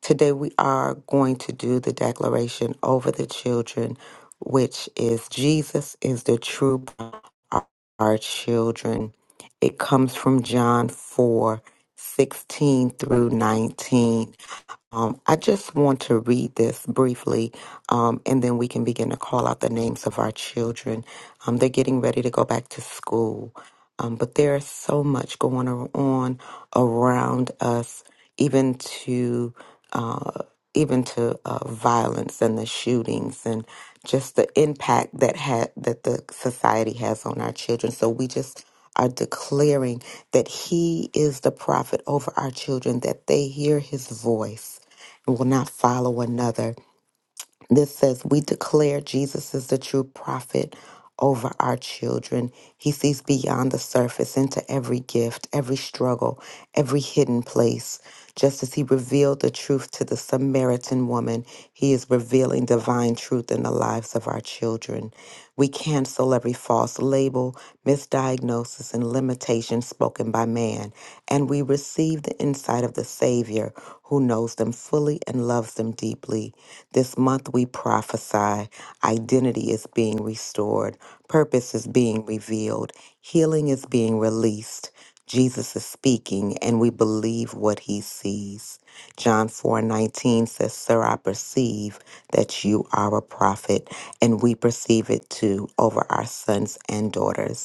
D: today we are going to do the declaration over the children, which is Jesus is the true God of our children. It comes from John 4 16 through 19. Um, I just want to read this briefly, um, and then we can begin to call out the names of our children. Um, they're getting ready to go back to school, um, but there is so much going on around us, even to uh, even to uh, violence and the shootings, and just the impact that had that the society has on our children. So we just are declaring that He is the prophet over our children, that they hear His voice will not follow another. This says, We declare Jesus is the true prophet over our children. He sees beyond the surface into every gift, every struggle, every hidden place. Just as he revealed the truth to the Samaritan woman, he is revealing divine truth in the lives of our children. We cancel every false label, misdiagnosis diagnosis and limitations spoken by man, and we receive the insight of the Savior who knows them fully and loves them deeply. This month we prophesy identity is being restored, purpose is being revealed, healing is being released. Jesus is speaking, and we believe what he sees. John 4 19 says, Sir, I perceive that you are a prophet, and we perceive it too over our sons and daughters.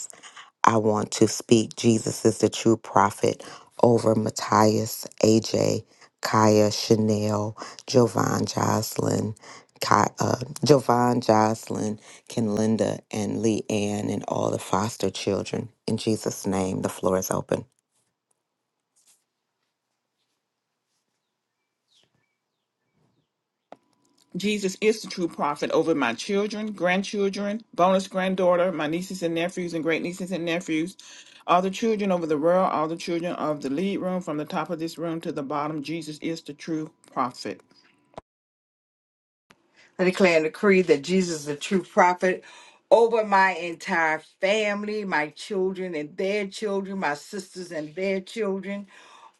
D: I want to speak Jesus is the true prophet over Matthias, AJ, Kaya, Chanel, Jovan, Jocelyn, Ki- uh, Jovan, Jocelyn, Kenlinda, and Lee Ann, and all the foster children. In Jesus' name, the floor is open.
B: Jesus is the true prophet over my children, grandchildren, bonus granddaughter, my nieces and nephews, and great nieces and nephews, all the children over the world, all the children of the lead room, from the top of this room to the bottom. Jesus is the true prophet.
F: I declare and decree that Jesus is the true prophet over my entire family, my children and their children, my sisters and their children,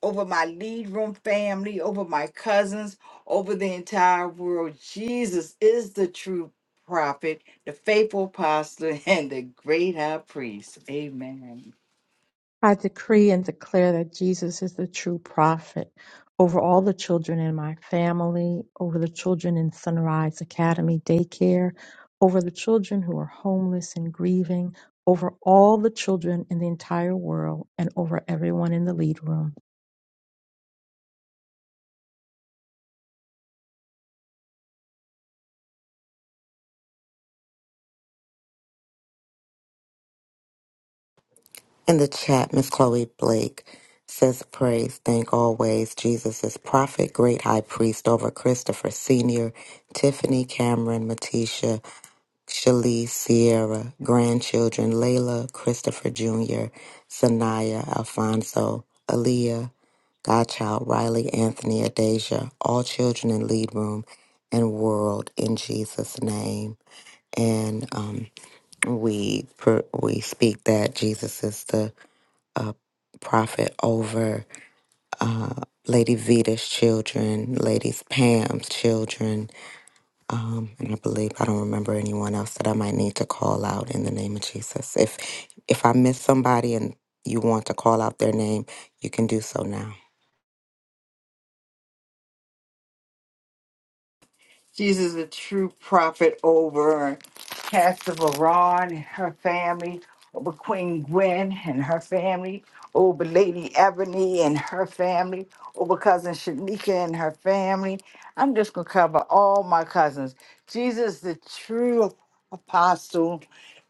F: over my lead room family, over my cousins, over the entire world. Jesus is the true prophet, the faithful apostle, and the great high priest. Amen.
E: I decree and declare that Jesus is the true prophet over all the children in my family, over the children in Sunrise Academy daycare, over the children who are homeless and grieving, over all the children in the entire world, and over everyone in the lead room.
D: In the chat, Miss Chloe Blake says, Praise, thank always Jesus is prophet, great high priest over Christopher Sr., Tiffany, Cameron, Matisha. Shalice, Sierra, grandchildren Layla, Christopher Jr., Sanaya, Alfonso, Aaliyah, Godchild, Riley, Anthony, Adasia, all children in Lead Room and World in Jesus' name. And um, we per, we speak that Jesus is the uh, prophet over uh, Lady Vita's children, Lady Pam's children, um, and I believe I don't remember anyone else that I might need to call out in the name of Jesus. If if I miss somebody and you want to call out their name, you can do so now.
F: Jesus, the true prophet over Pastor Veron and her family, over Queen Gwen and her family, over Lady Ebony and her family, over cousin Shanika and her family. I'm just going to cover all my cousins. Jesus, the true apostle,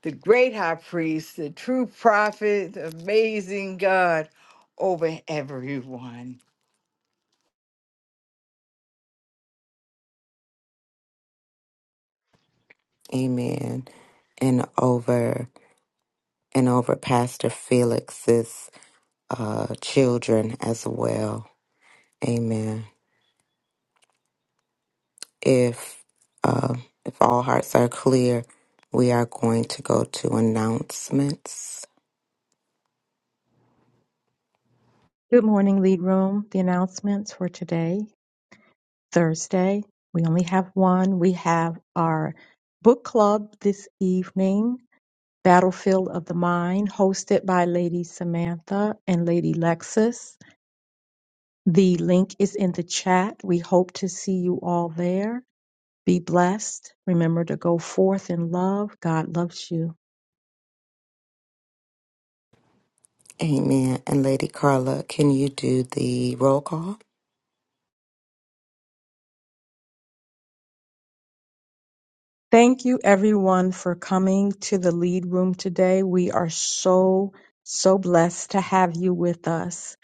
F: the great high priest, the true prophet, the amazing God over everyone.
D: Amen. And over and over Pastor Felix's uh, children as well. Amen. If uh, if all hearts are clear, we are going to go to announcements.
E: Good morning, lead room. The announcements for today. Thursday. We only have one. We have our book club this evening, Battlefield of the Mind, hosted by Lady Samantha and Lady Lexis. The link is in the chat. We hope to see you all there. Be blessed. Remember to go forth in love. God loves you.
D: Amen. And Lady Carla, can you do the roll call?
E: Thank you, everyone, for coming to the lead room today. We are so, so blessed to have you with us.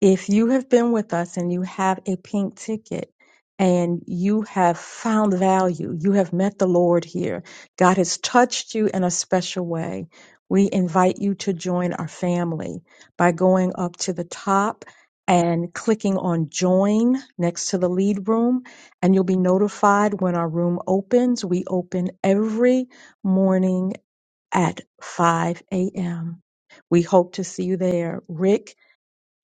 E: if you have been with us and you have a pink ticket and you have found value, you have met the Lord here, God has touched you in a special way. We invite you to join our family by going up to the top and clicking on join next to the lead room, and you'll be notified when our room opens. We open every morning at 5 a.m. We hope to see you there. Rick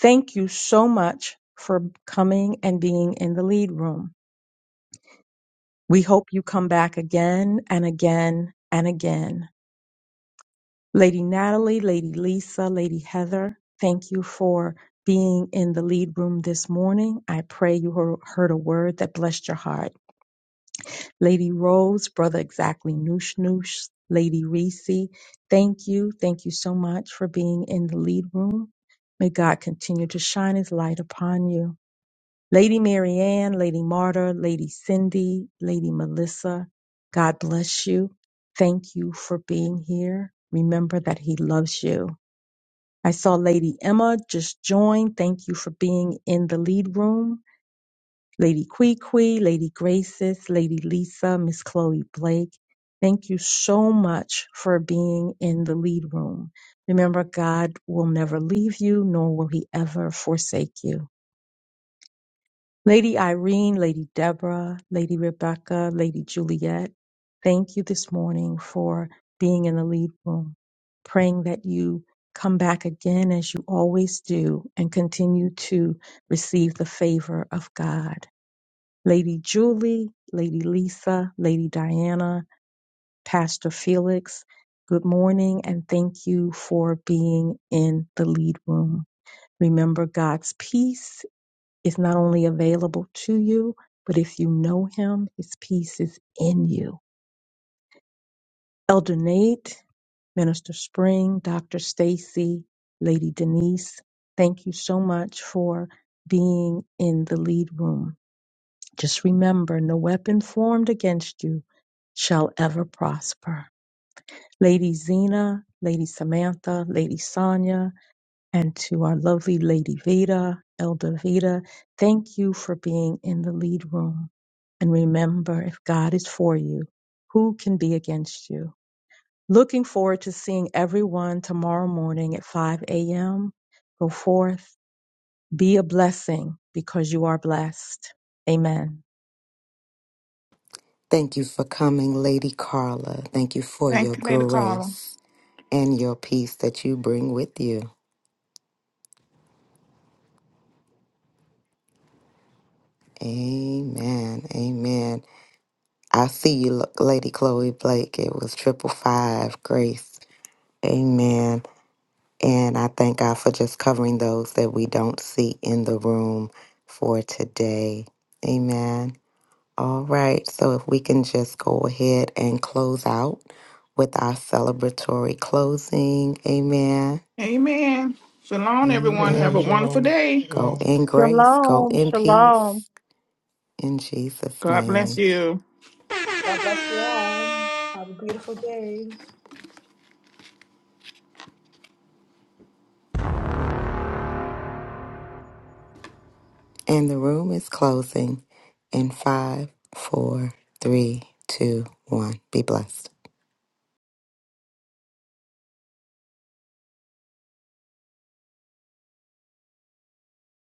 E: Thank you so much for coming and being in the lead room. We hope you come back again and again and again. Lady Natalie, Lady Lisa, Lady Heather, thank you for being in the lead room this morning. I pray you hear- heard a word that blessed your heart. Lady Rose, Brother Exactly Noosh Noosh, Lady Reese, thank you. Thank you so much for being in the lead room. May God continue to shine his light upon you. Lady Mary Ann, Lady Marta, Lady Cindy, Lady Melissa, God bless you. Thank you for being here. Remember that He loves you. I saw Lady Emma just join. Thank you for being in the lead room. Lady Kwee Kwee, Lady Graces, Lady Lisa, Miss Chloe Blake. Thank you so much for being in the lead room. Remember, God will never leave you, nor will He ever forsake you. Lady Irene, Lady Deborah, Lady Rebecca, Lady Juliet, thank you this morning for being in the lead room, praying that you come back again as you always do and continue to receive the favor of God. Lady Julie, Lady Lisa, Lady Diana, Pastor Felix, good morning and thank you for being in the lead room. Remember God's peace is not only available to you, but if you know him, his peace is in you. Elder Nate, Minister Spring, Dr. Stacy, Lady Denise, thank you so much for being in the lead room. Just remember, no weapon formed against you shall ever prosper. Lady Zena, Lady Samantha, Lady Sonia, and to our lovely Lady Veda, Elder Veda. Thank you for being in the lead room. And remember, if God is for you, who can be against you? Looking forward to seeing everyone tomorrow morning at 5 a.m. Go forth, be a blessing because you are blessed. Amen.
D: Thank you for coming, Lady Carla. Thank you for
B: Thank
D: your
B: you, Lady Carla.
D: grace and your peace that you bring with you. Amen. Amen. I see you, Lo- Lady Chloe Blake. It was triple five grace. Amen. And I thank God for just covering those that we don't see in the room for today. Amen. All right. So if we can just go ahead and close out with our celebratory closing. Amen.
B: Amen. Shalom, everyone. Have
C: Amen.
B: a
D: Amen.
B: wonderful
C: Shalom.
B: day.
D: Go
C: Shalom.
D: in grace, go
E: Shalom,
D: in
E: shalom.
D: peace, in Jesus'
B: God bless
D: name.
B: you.
I: God bless you all. Have a beautiful day.
D: And the room is closing in five, four, three, two, one. Be blessed.